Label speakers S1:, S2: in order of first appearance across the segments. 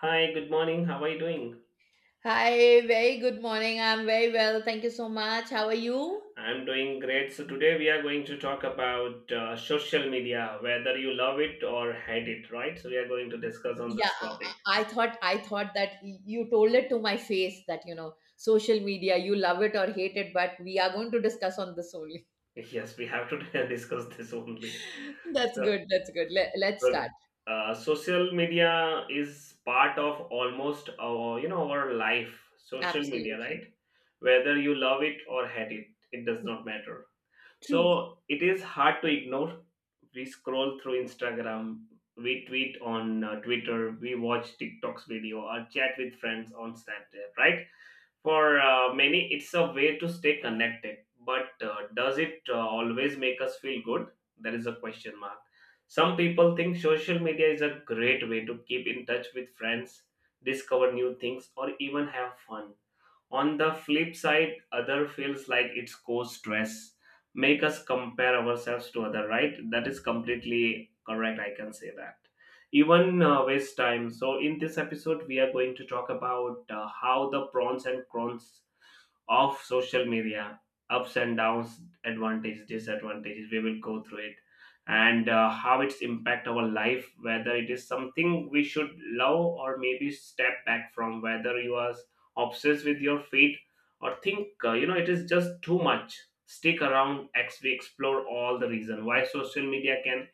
S1: Hi, good morning. How are you doing?
S2: Hi, very good morning. I'm very well. Thank you so much. How are you?
S1: I'm doing great. So today we are going to talk about social media, whether you love it or hate it, right? So we are going to discuss on
S2: Yeah,
S1: this topic.
S2: I thought I thought that you told it to my face that, social media, you love it or hate it, but we are going to discuss on this only.
S1: Yes, we have to discuss this only.
S2: That's
S1: So,
S2: good. That's good. Let's
S1: so,
S2: start.
S1: Social media is part of almost our, you know, our life. Social media,
S2: Absolutely.
S1: right? Whether you love it or hate it, it does not matter.
S2: True.
S1: So it is hard to ignore. We scroll through Instagram, we tweet on Twitter, we watch TikTok's video, or chat with friends on Snapchat, right? For many, it's a way to stay connected. But does it always make us feel good? There is a question mark. Some people think social media is a great way to keep in touch with friends, discover new things, or even have fun. On the flip side, other feels like it's cause stress, make us compare ourselves to other, right? That is completely correct. I can say that. Even waste time. So in this episode, we are going to talk about how the prawns and crons of social media, ups and downs, advantages, disadvantages. We will go through it and how it's impact our life, whether it is something we should love or maybe step back from. Whether you are obsessed with your feet or think you know it is just too much, stick around as we explore all the reason why social media can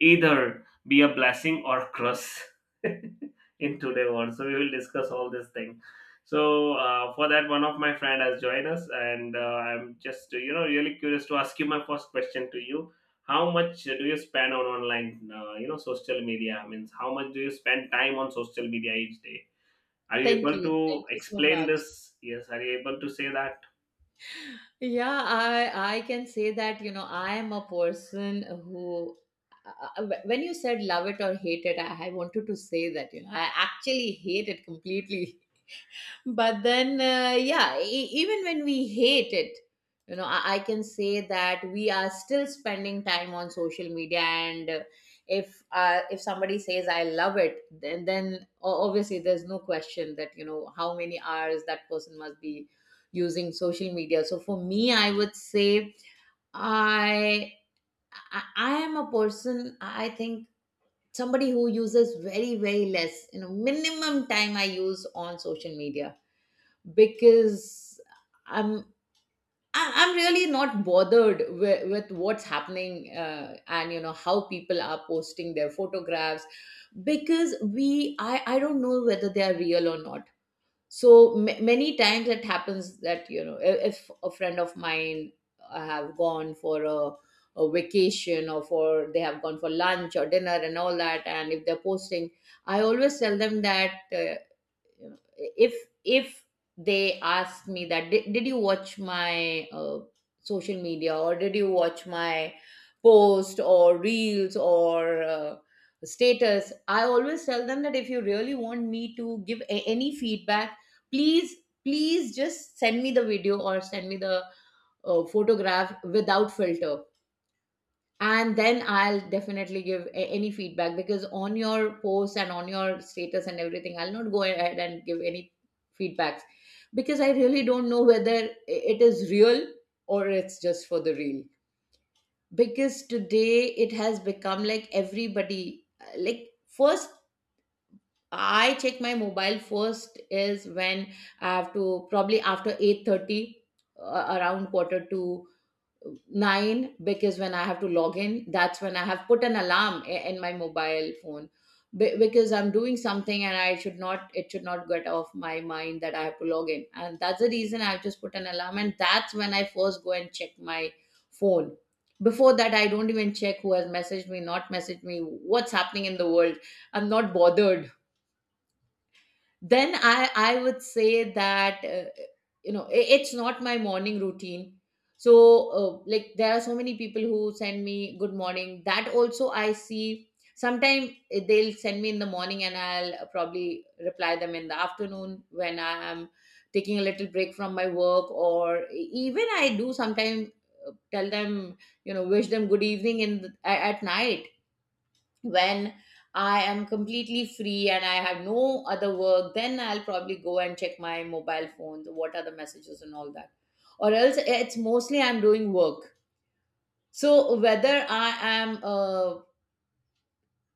S1: either be a blessing or curse in today world. So we will discuss all this thing. So for that, one of my friend has joined us, and I'm just, you know, really curious to ask you my first question to you. How much do you spend on online, you know, social media? Means, how much do you spend time on social media each day? Are you
S2: Thank
S1: able
S2: you.
S1: to
S2: Thank you so
S1: explain
S2: much.
S1: this? Yes, are you able to say that?
S2: Yeah, I can say that, you know, I am a person who uh, when you said love it or hate it, I wanted to say that, you know, I actually hate it completely. But then yeah, even when we hate it, you know, I can say that we are still spending time on social media. And if somebody says I love it, then obviously there's no question that, you know, how many hours that person must be using social media. So for me, I would say i I am a person. I think somebody who uses very, very less, you know, minimum time I use on social media, because I'm I'm really not bothered with, what's happening, and you know how people are posting their photographs, because we I don't know whether they are real or not. So ma many times it happens that, you know, if a friend of mine have gone for a vacation, or for they have gone for lunch or dinner and all that, and if they're posting, I always tell them that, you know if if they ask me that, did you watch my social media, or did you watch my post or reels or status, I always tell them that if you really want me to give any feedback, please, just send me the video, or send me the photograph without filter, and then I'll definitely give any feedback. Because on your post and on your status and everything, I'll not go ahead and give any feedbacks, because I really don't know whether it is real or it's just for the real. Because today it has become like everybody, like, first I check my mobile first is when I have to, probably after 8:30, around quarter to nine, because when I have to log in, that's when I have put an alarm in my mobile phone. Because I'm doing something and I should not, it should not get off my mind that I have to log in. And that's the reason I've just put an alarm. And that's when I first go and check my phone. Before that, I don't even check who has messaged me, not messaged me, what's happening in the world. I'm not bothered. Then I would say that, it's not my morning routine. So, like, there are so many people who send me good morning, that also I see. Sometimes they'll send me in the morning and I'll probably reply them in the afternoon when I am taking a little break from my work. Or even I do sometimes tell them, you know, wish them good evening in the, at night, when I am completely free and I have no other work, then I'll probably go and check my mobile phone, what are the messages and all that. Or else, eh, it's mostly I'm doing work. So whether I am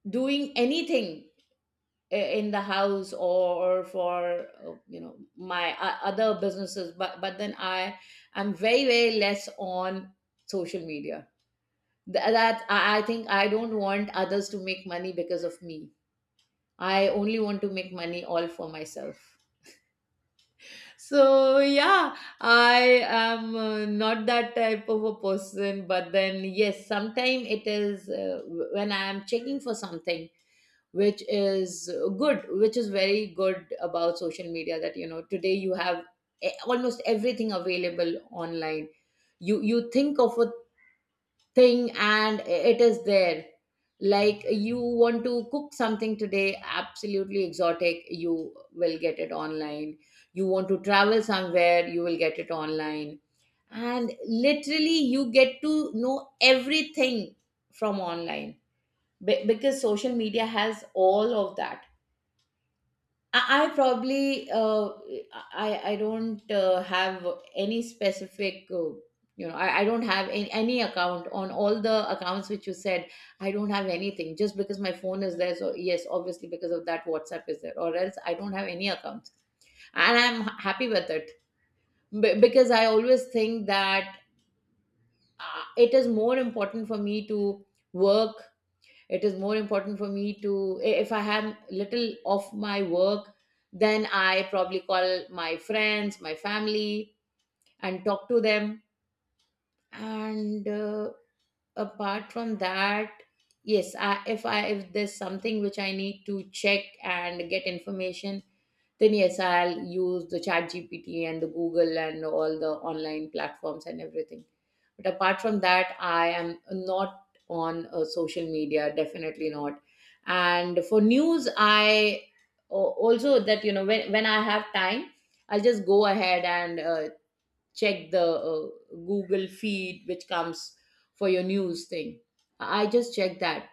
S2: doing anything in the house, or for, my other businesses, but then I am very, very less on social media. That I think I don't want others to make money because of me. I only want to make money all for myself. So yeah, I am, not that type of a person. But then yes, sometime it is when I am checking for something which is good, which is very good about social media. That, you know, today you have almost everything available online. You think of a thing and it is there. Like, you want to cook something today absolutely exotic, you will get it online. You want to travel somewhere, you will get it online. And literally you get to know everything from online. Because social media has all of that. I probably, I don't have any specific, I don't have any, account on all the accounts which you said. I don't have anything. Just because my phone is there, so yes, obviously because of that, WhatsApp is there, or else I don't have any accounts, and I'm happy with it. Because I always think that, it is more important for me to work. It is more important for me to, if I have little of my work, then I probably call my friends, my family, and talk to them. And apart from that, yes, if I, if there's something which I need to check and get information, then yes, I'll use the chat gpt and the Google and all the online platforms and everything. But apart from that, I am not on, social media. Definitely not. And for news, I, also that, you know, when, I have time, I'll just go ahead and, check the uh, Google feed, which comes for your news thing. I just check that.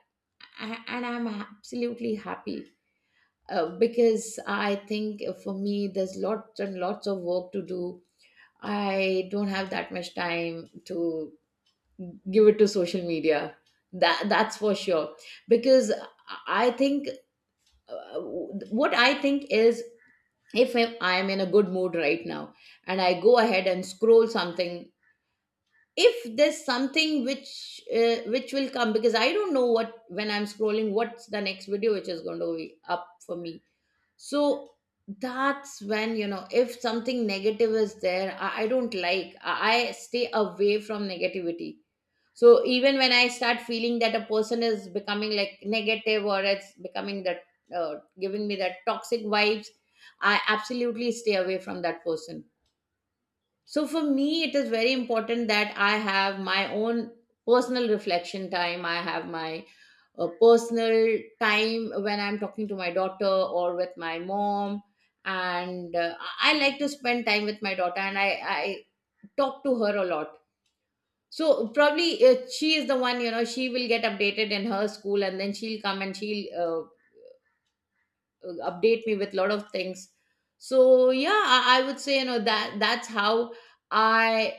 S2: And I'm absolutely happy, because I think for me there's lots and lots of work to do. I don't have that much time to give it to social media. That's for sure. Because I think, what I think is, if I'm in a good mood right now and I go ahead and scroll something. If there's something which will come, because I don't know what, when I'm scrolling, what's the next video which is going to be up for me. So that's when, you know, if something negative is there, I don't like. I stay away from negativity. So even when I start feeling that a person is becoming like negative, or it's becoming that, giving me that toxic vibes, I absolutely stay away from that person. So for me, it is very important that I have my own personal reflection time. I have my personal time when I'm talking to my daughter or with my mom. And I like to spend time with my daughter, and I talk to her a lot. So probably she is the one, you know, she will get updated in her school, and then she'll come and she'll update me with a lot of things. So yeah, I would say, you know, that that's how I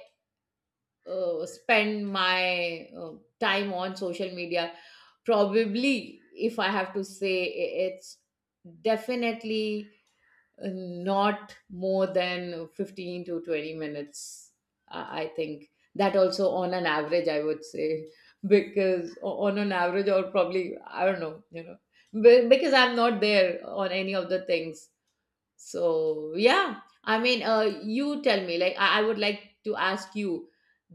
S2: spend my time on social media. Probably, if I have to say, it's definitely, not more than 15 to 20 minutes, I think. That also on an average, I would say. Because on an average, or probably I don't know, you know, because I'm not there on any of the things. So, yeah, I mean, you tell me. Like, I would like to ask you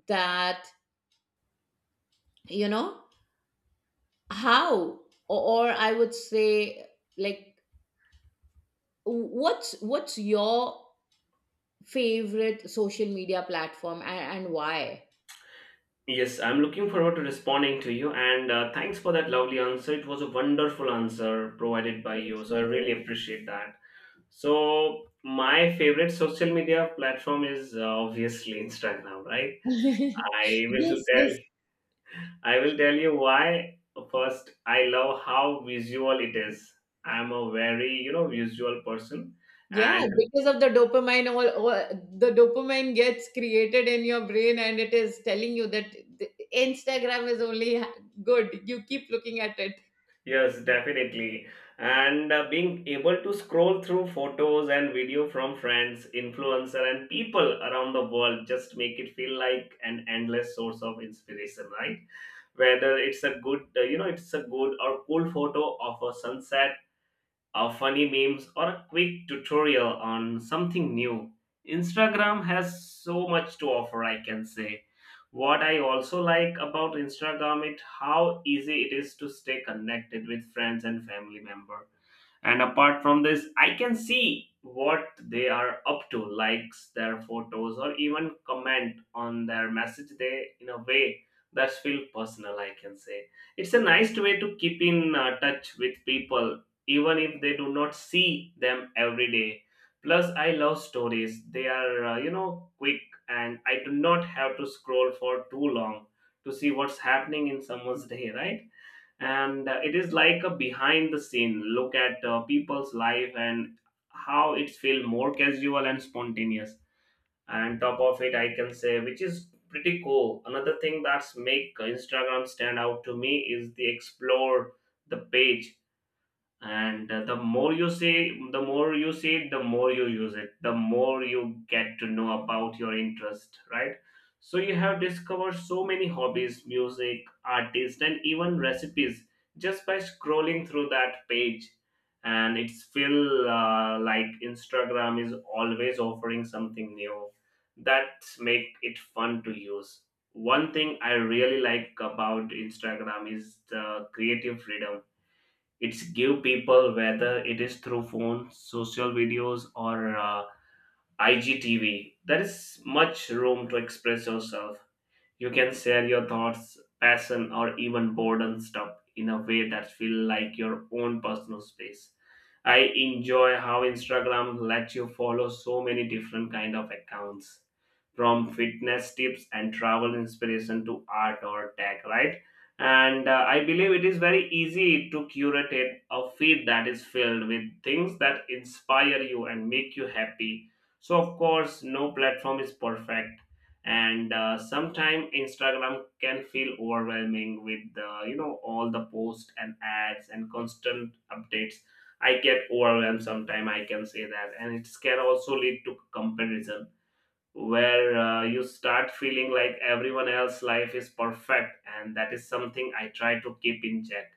S2: that, you know, how, or, I would say, like, what's your favorite social media platform, and why?
S1: Yes, I'm looking forward to responding to you, and thanks for that lovely answer. It was a wonderful answer provided by
S2: Thank
S1: you, so I
S2: you.
S1: really appreciate that. So my favorite social media platform is obviously Instagram, right? I will
S2: Yes,
S1: tell,
S2: yes.
S1: I will tell you why. First, I love how visual it is. I'm a very, you know, visual person,
S2: Yeah,
S1: and
S2: because of the dopamine, all the dopamine gets created in your brain, and it is telling you that Instagram is only good, you keep looking at it.
S1: yes, definitely. And being able to scroll through photos and video from friends, influencer, and people around the world just make it feel like an endless source of inspiration, right? Whether it's a good or cool photo of a sunset, funny memes, or a quick tutorial on something new. Instagram has so much to offer, I can say. What I also like about Instagram is how easy it is to stay connected with friends and family members, and apart from this, I can see what they are up to, likes their photos or even comment on their message. They, in a way, that's feel personal, I can say. It's a nice way to keep in touch with people even if they do not see them every day. Plus I love stories. They are, you know, quick, and I do not have to scroll for too long to see what's happening in someone's day, right? And it is like a behind the scene look at people's life, and how it's feel more casual and spontaneous, and top of it, I can say, which is pretty cool. Another thing that's make Instagram stand out to me is the explore the page, and the more you say it, the more you use it, the more you get to know about your interest, right? So you have discovered so many hobbies, music artists, and even recipes just by scrolling through that page. And it's feel like Instagram is always offering something new that make it fun to use. One thing I really like about Instagram is the creative freedom it's give people. Whether it is through phones, social videos, or IGTV, there is much room to express yourself. You can share your thoughts, passion, or even boredom stuff in a way that feel like your own personal space. I enjoy how Instagram lets you follow so many different kind of accounts, from fitness tips and travel inspiration to art or tech, right? And I believe it is very easy to curate it, a feed that is filled with things that inspire you and make you happy. So of course, no platform is perfect, and sometime Instagram can feel overwhelming with, you know, all the posts and ads and constant updates. I get overwhelmed sometime, I can say that, and it can also lead to comparison where you start feeling like everyone else's life is perfect, and that is something I try to keep in check.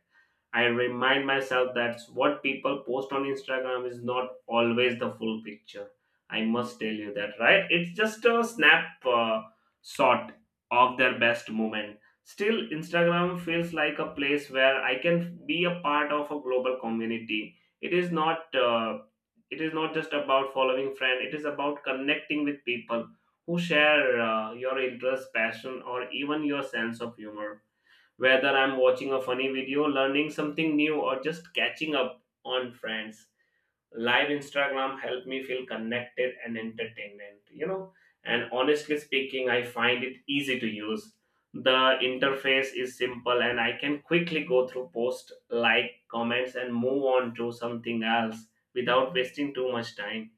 S1: I remind myself that what people post on Instagram is not always the full picture. I must tell you that, right? It's just a snap shot of their best moment. Still, Instagram feels like a place where I can be a part of a global community. It is not just about following friend. It is about connecting with people who share your interests, passion, or even your sense of humor, whether I'm watching a funny video, learning something new, or just catching up on friends. Live Instagram helped me feel connected and entertained, you know. And honestly speaking, I find it easy to use. The interface is simple, and I can quickly go through posts, like, comments, and move on to something else without wasting too much time.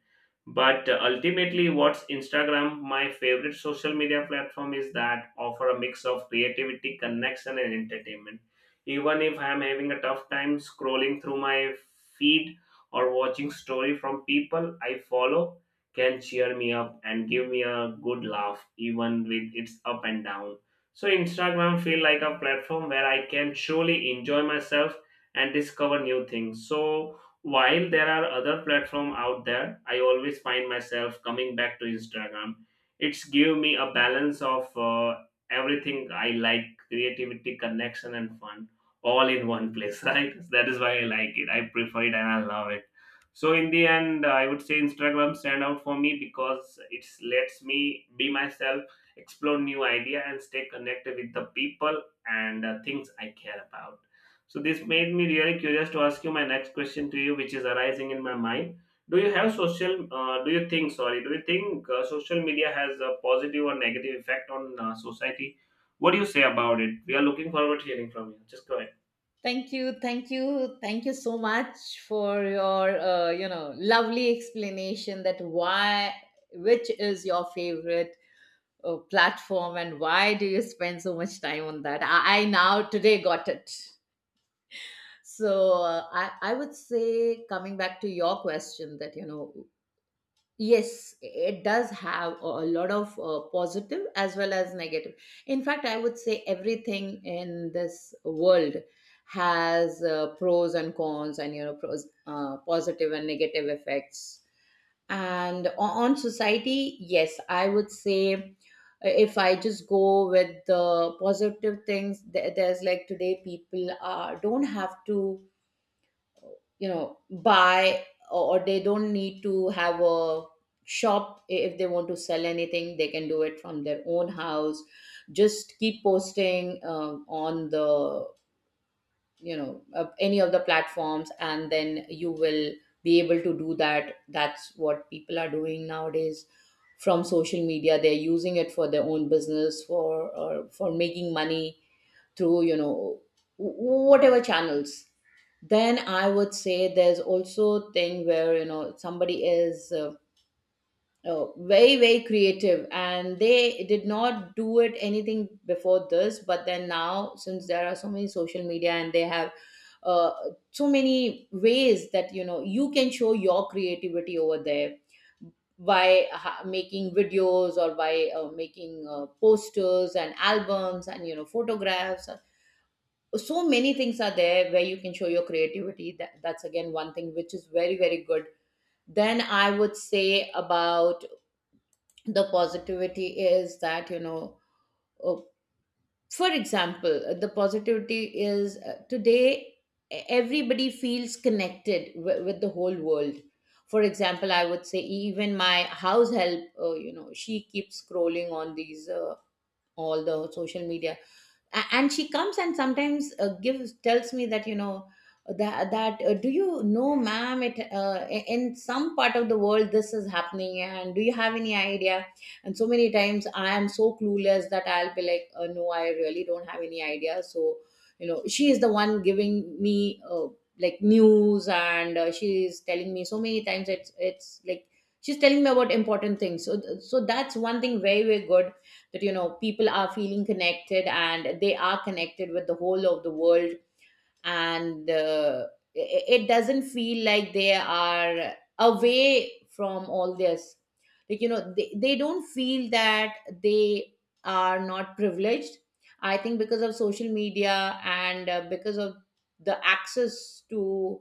S1: But ultimately, what's Instagram my favorite social media platform is that offer a mix of creativity, connection, and entertainment. Even if I'm having a tough time, scrolling through my feed or watching story from people I follow can cheer me up and give me a good laugh. Even with its up and down, so Instagram feel like a platform where I can truly enjoy myself and discover new things. So while there are other platforms out there, I always find myself coming back to Instagram. It's give me a balance of everything I like: creativity, connection, and fun, all in one place. Right? That is why I like it. I prefer it and I love it. So in the end, I would say Instagram stand out for me because it lets me be myself, explore new idea, and stay connected with the people and things I care about. So this made me really curious to ask you my next question to you, which is arising in my mind. Do you have social? Do you think? Sorry, do you think social media has a positive or negative effect on society? What do you say about it? We are looking forward to hearing from you. Just go ahead.
S2: Thank you so much for your, lovely explanation that why, which is your favorite platform, and why do you spend so much time on that. I now today got it. So I would say, coming back to your question, that, you know, yes, it does have a lot of positive as well as negative. In fact, I would say everything in this world has pros and cons, and, you know, pros, positive and negative effects. And on society, yes, I would say if I just go with the positive things, there's like today people are don't have to buy, or they don't need to have a shop. If they want to sell anything, they can do it from their own house, just keep posting on the, any of the platforms, and then you will be able to do that. That's what people are doing nowadays. From social media, they're using it for their own business, for or for making money through whatever channels. Then I would say there's also a thing where you know somebody is very very creative and they did not do it anything before this, but then now since there are so many social media and they have uh, so many ways that you know you can show your creativity over there by making videos or by making posters and albums and you know photographs. So many things are there where you can show your creativity. That's again one thing which is very very good. Then I would say about the positivity is that you know, uh, for example, the positivity is today everybody feels connected with the whole world. For example, I would say even my house help, you know, she keeps scrolling on these all the social media. And she comes and sometimes gives tells me that you know that that do you know, ma'am, it in some part of the world this is happening, and do you have any idea? And so many times I am so clueless that I'll be like, no, I really don't have any idea. So you know she is the one giving me like news, and she is telling me. So many times it's like she's telling me about important things. So that's one thing very very good, that you know people are feeling connected and they are connected with the whole of the world. And it doesn't feel like they are away from all this, like you know they don't feel that they are not privileged. I think because of social media and because of the access to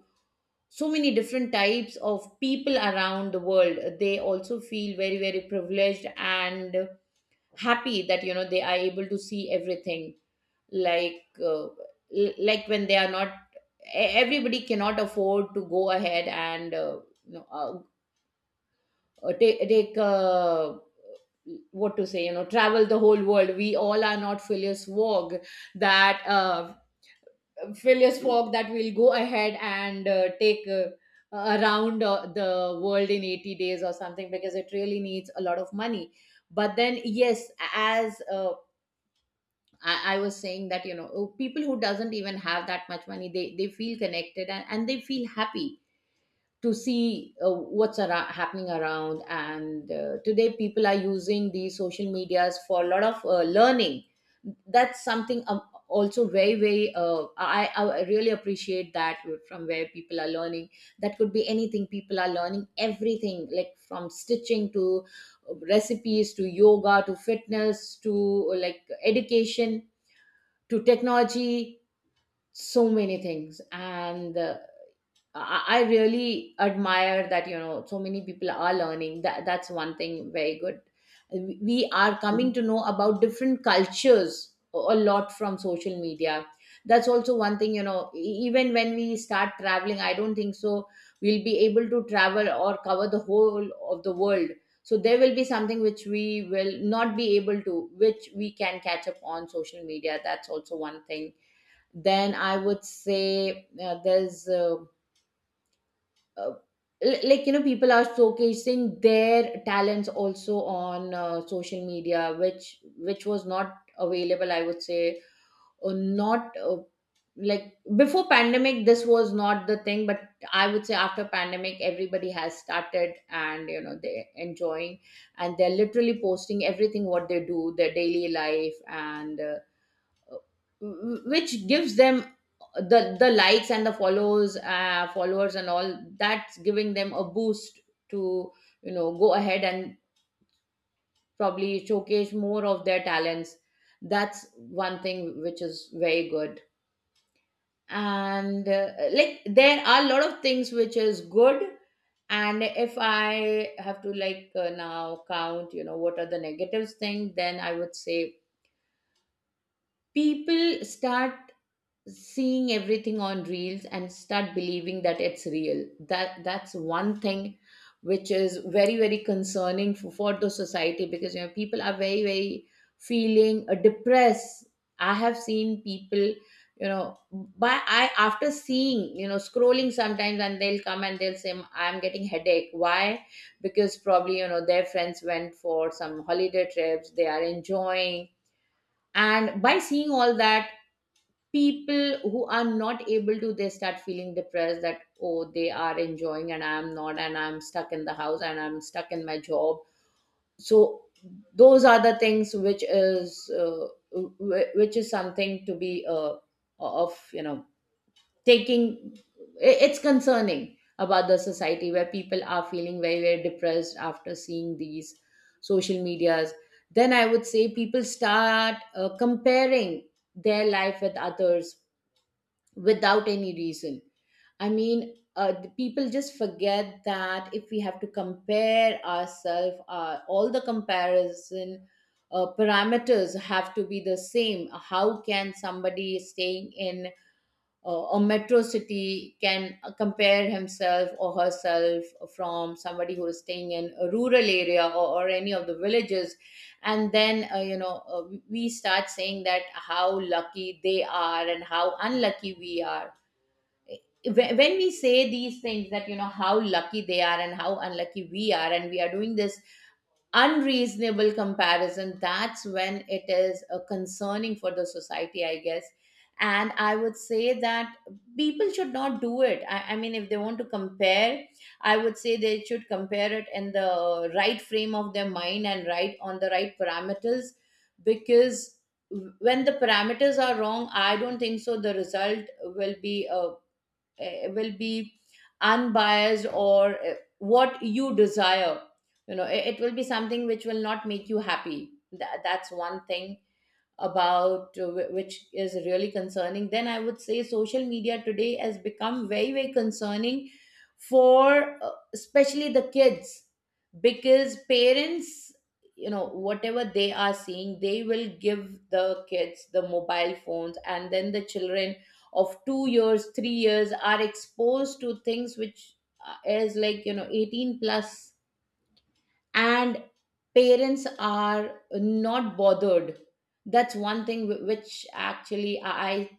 S2: so many different types of people around the world, they also feel very very privileged and happy that you know they are able to see everything. Like like when they are not, everybody cannot afford to go ahead and take, take what to say, you know, travel the whole world. We all are not Phileas Fogg, that Phileas Fogg that will go ahead and take around the world in 80 days or something, because it really needs a lot of money. But then yes, as I was saying, that you know, oh, people who doesn't even have that much money, they feel connected, and they feel happy to see what's happening around. And today people are using these social medias for a lot of learning. That's something also very very I really appreciate that, from where people are learning. That could be anything. People are learning everything, like from stitching to recipes to yoga to fitness to like education to technology. So many things. And I really admire that, you know, so many people are learning. That's one thing very good. We are coming to know about different cultures a lot from social media. That's also one thing, you know, even when we start traveling, I don't think so we'll be able to travel or cover the whole of the world. So there will be something which we will not be able to, which we can catch up on social media. That's also one thing. Then I would say uh, like you know people are showcasing their talents also on social media, which was not available, I would say. Or not like, before pandemic this was not the thing, but I would say after pandemic everybody has started, and you know they're enjoying and they're literally posting everything what they do, their daily life. And which gives them the likes and the follows, followers and all. That's giving them a boost to you know go ahead and probably showcase more of their talents. That's one thing which is very good. And like there are a lot of things which is good. And if I have to like now count, you know, what are the negatives thing, then I would say people start seeing everything on reels and start believing that it's real. That's one thing which is very very concerning for the society, because you know people are very very feeling depressed. I have seen people, you know, by I after seeing, you know, scrolling sometimes, and they'll come and they'll say I'm getting headache, why? Because probably, you know, their friends went for some holiday trips, they are enjoying, and by seeing all that, people who are not able to, they start feeling depressed, that oh, they are enjoying and I'm not, and I'm stuck in the house and I'm stuck in my job. So those are the things which is which is something to be of you know taking, it's concerning about the society where people are feeling very very depressed after seeing these social medias. Then I would say people start comparing their life with others without any reason. I mean, the people just forget that if we have to compare ourselves, all the comparison parameters have to be the same. How can somebody staying in a metro city can compare himself or herself from somebody who is staying in a rural area or any of the villages? And then, you know, we start saying that how lucky they are and how unlucky we are. When we say these things, that you know how lucky they are and how unlucky we are, and we are doing this unreasonable comparison, that's when it is concerning for the society, I guess. And I would say that people should not do it. I mean, if they want to compare, I would say they should compare it in the right frame of their mind and right on the right parameters, because when the parameters are wrong, I don't think so the result will be unbiased or what you desire. You know, it will be something which will not make you happy. That's one thing about which is really concerning. Then I would say social media today has become very very concerning for especially the kids, because parents, you know, whatever they are seeing, they will give the kids the mobile phones, and then the children of 2 years, 3 years are exposed to things which is like you know 18 plus, and parents are not bothered. That's one thing which actually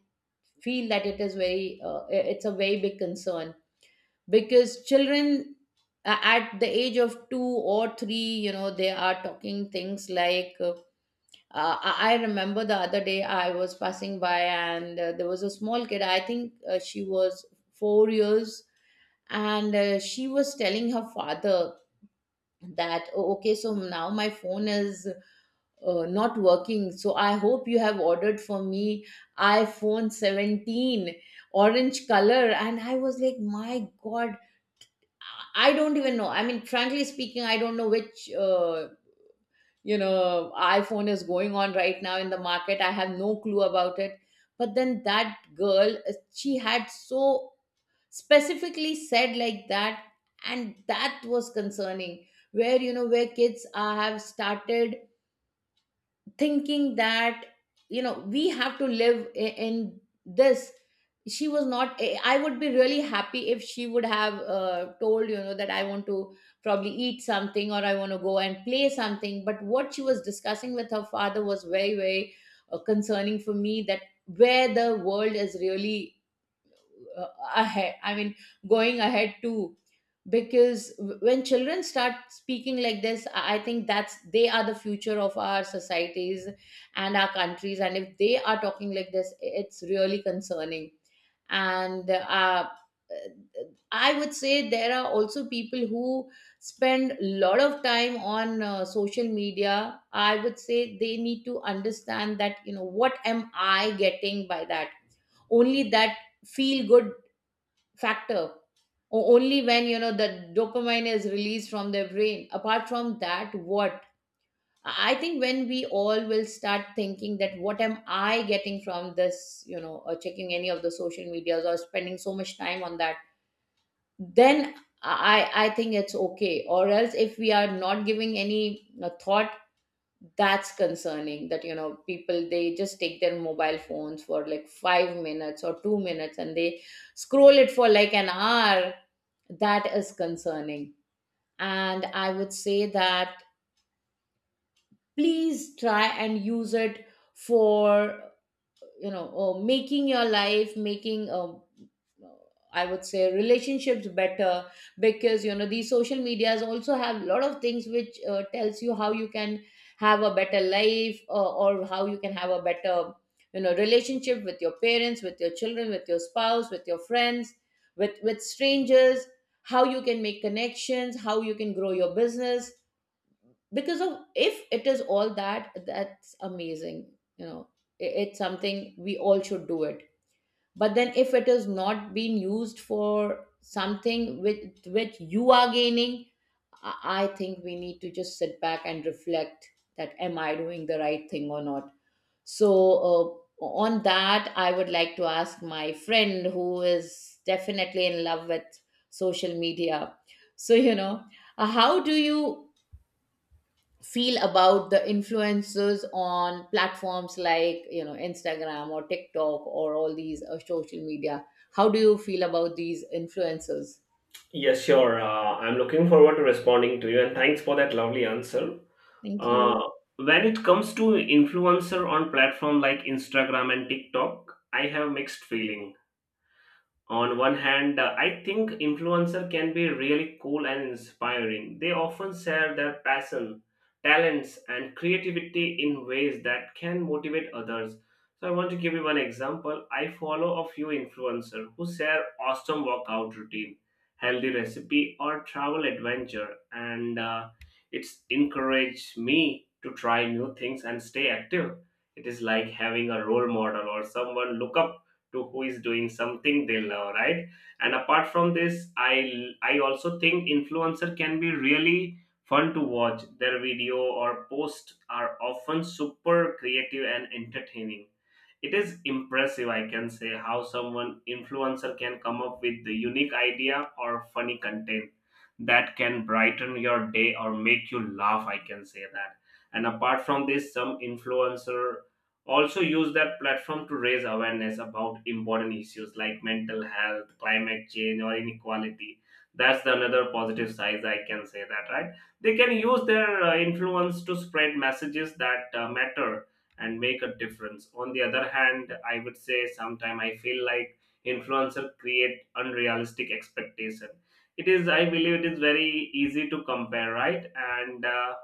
S2: I feel that it is very it's a very big concern, because children at the age of 2 or 3, you know, they are talking things like I remember the other day I was passing by, and there was a small kid, I think she was 4 years. And she was telling her father that, "Oh, okay, so now my phone is not working, so I hope you have ordered for me iPhone 17 orange color." And I was like, my god, I don't even know, I mean frankly speaking, I don't know which uh, you know iPhone is going on right now in the market, I have no clue about it. But then that girl she had so specifically said like that. And that was concerning, where you know where kids have started thinking that you know we have to live in this. She was not, I would be really happy if she would have told, you know, that I want to probably eat something or I want to go and play something. But what she was discussing with her father was very very concerning for me, that where the world is really uh, ahead, I mean going ahead too. Because when children start speaking like this, I think that's, they are the future of our societies and our countries, and if they are talking like this, it's really concerning. And I would say there are also people who spend a lot of time on social media. I would say they need to understand that you know what am I getting by that, only that feel good factor, only when you know the dopamine is released from their brain, apart from that what? I think when we all will start thinking that what am I getting from this, you know, or checking any of the social medias or spending so much time on that, then I think it's okay. Or else if we are not giving any, you know, thought, that's concerning, that you know people they just take their mobile phones for like 5 minutes or 2 minutes and they scroll it for like an hour. That is concerning. And I would say that, please try and use it for you know making your life, making I would say relationships better. Because you know these social medias also have a lot of things which tells you how you can have a better life, or how you can have a better, you know, relationship with your parents, with your children, with your spouse, with your friends, with strangers. How you can make connections, how you can grow your business. Because of, if it is all that, that's amazing, you know, it's something we all should do it. But then if it is not being used for something with which you are gaining, I think we need to just sit back and reflect, that am I doing the right thing or not? So, uh, on that, I would like to ask my friend who is definitely in love with social media. So, you know, how do you feel about the influencers on platforms like you know Instagram or TikTok or all these social media? How do you feel about these influencers?
S1: Yes, sure. I'm looking forward to responding to you, and thanks for that lovely answer.
S2: Thank
S1: Uh,
S2: you.
S1: when it comes to influencer on platform like Instagram and TikTok, I have mixed feeling. On one hand, I think influencer can be really cool and inspiring. They often share their passion, talents, and creativity in ways that can motivate others. So I want to give you one example. I follow a few influencers who share awesome workout routine, healthy recipe, or travel adventure, and it's encouraged me to try new things and stay active. It is like having a role model or someone look up to who is doing something they love, right? And apart from this, I also think influencer can be really fun to watch. Their video or post are often super creative and entertaining. It is impressive, I can say, how someone influencer can come up with the unique idea or funny content that can brighten your day or make you laugh. I can say that. And apart from this, some influencer also use that platform to raise awareness about important issues like mental health, climate change, or inequality. That's the another positive side, I can say that, right? They can use their influence to spread messages that matter and make a difference. On the other hand, I would say, sometime I feel like influencer create unrealistic expectation. It is i believe it is very easy to compare, right? And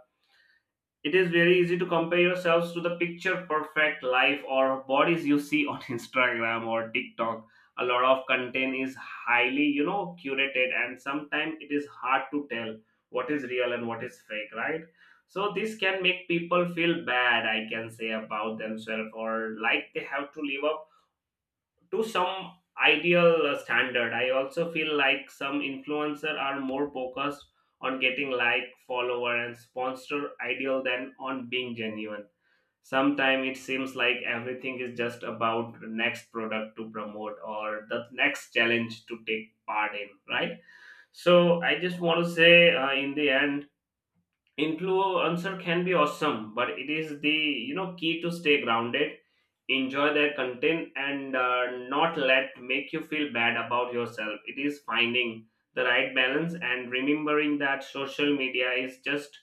S1: it is very easy to compare yourselves to the picture perfect life or bodies you see on Instagram or TikTok. A lot of content is highly, you know, curated, and sometimes it is hard to tell what is real and what is fake, right? So this can make people feel bad, I can say, about themselves, or like they have to live up to some ideal standard. I also feel like some influencer are more focused on getting like, follower, and sponsor ideal than on being genuine. Sometimes it seems like everything is just about the next product to promote or the next challenge to take part in, right? So I just want to say, in the end, influencer can be awesome, but it is the, you know, key to stay grounded, enjoy their content, and not let make you feel bad about yourself. It is finding the right balance and remembering that social media is just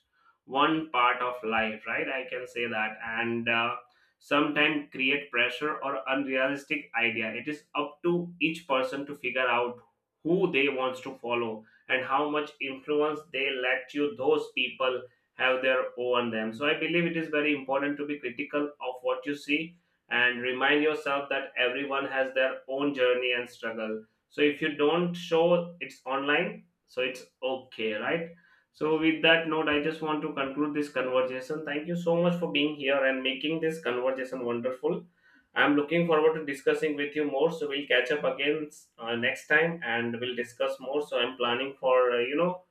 S1: one part of life, right? I can say that. And sometimes create pressure or unrealistic idea. It is up to each person to figure out who they wants to follow and how much influence they let you those people have their own them. So I believe it is very important to be critical of what you see and remind yourself that everyone has their own journey and struggle. So if you don't show it's online, so it's okay, right? So with that note, I just want to conclude this conversation. Thank you so much for being here and making this conversation wonderful. I'm looking forward to discussing with you more. So we'll catch up again next time and we'll discuss more. So I'm planning for, you know,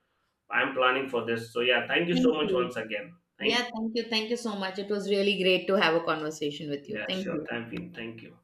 S1: I'm planning for this. So yeah, thank you so
S2: Thank
S1: much
S2: you.
S1: once again.
S2: Yeah,
S1: Thank
S2: thank you, thank you so much, it was really great to have a conversation with
S1: you.
S2: you.
S1: Yeah,
S2: Thank
S1: sure.
S2: you.
S1: Thank you. Thank you.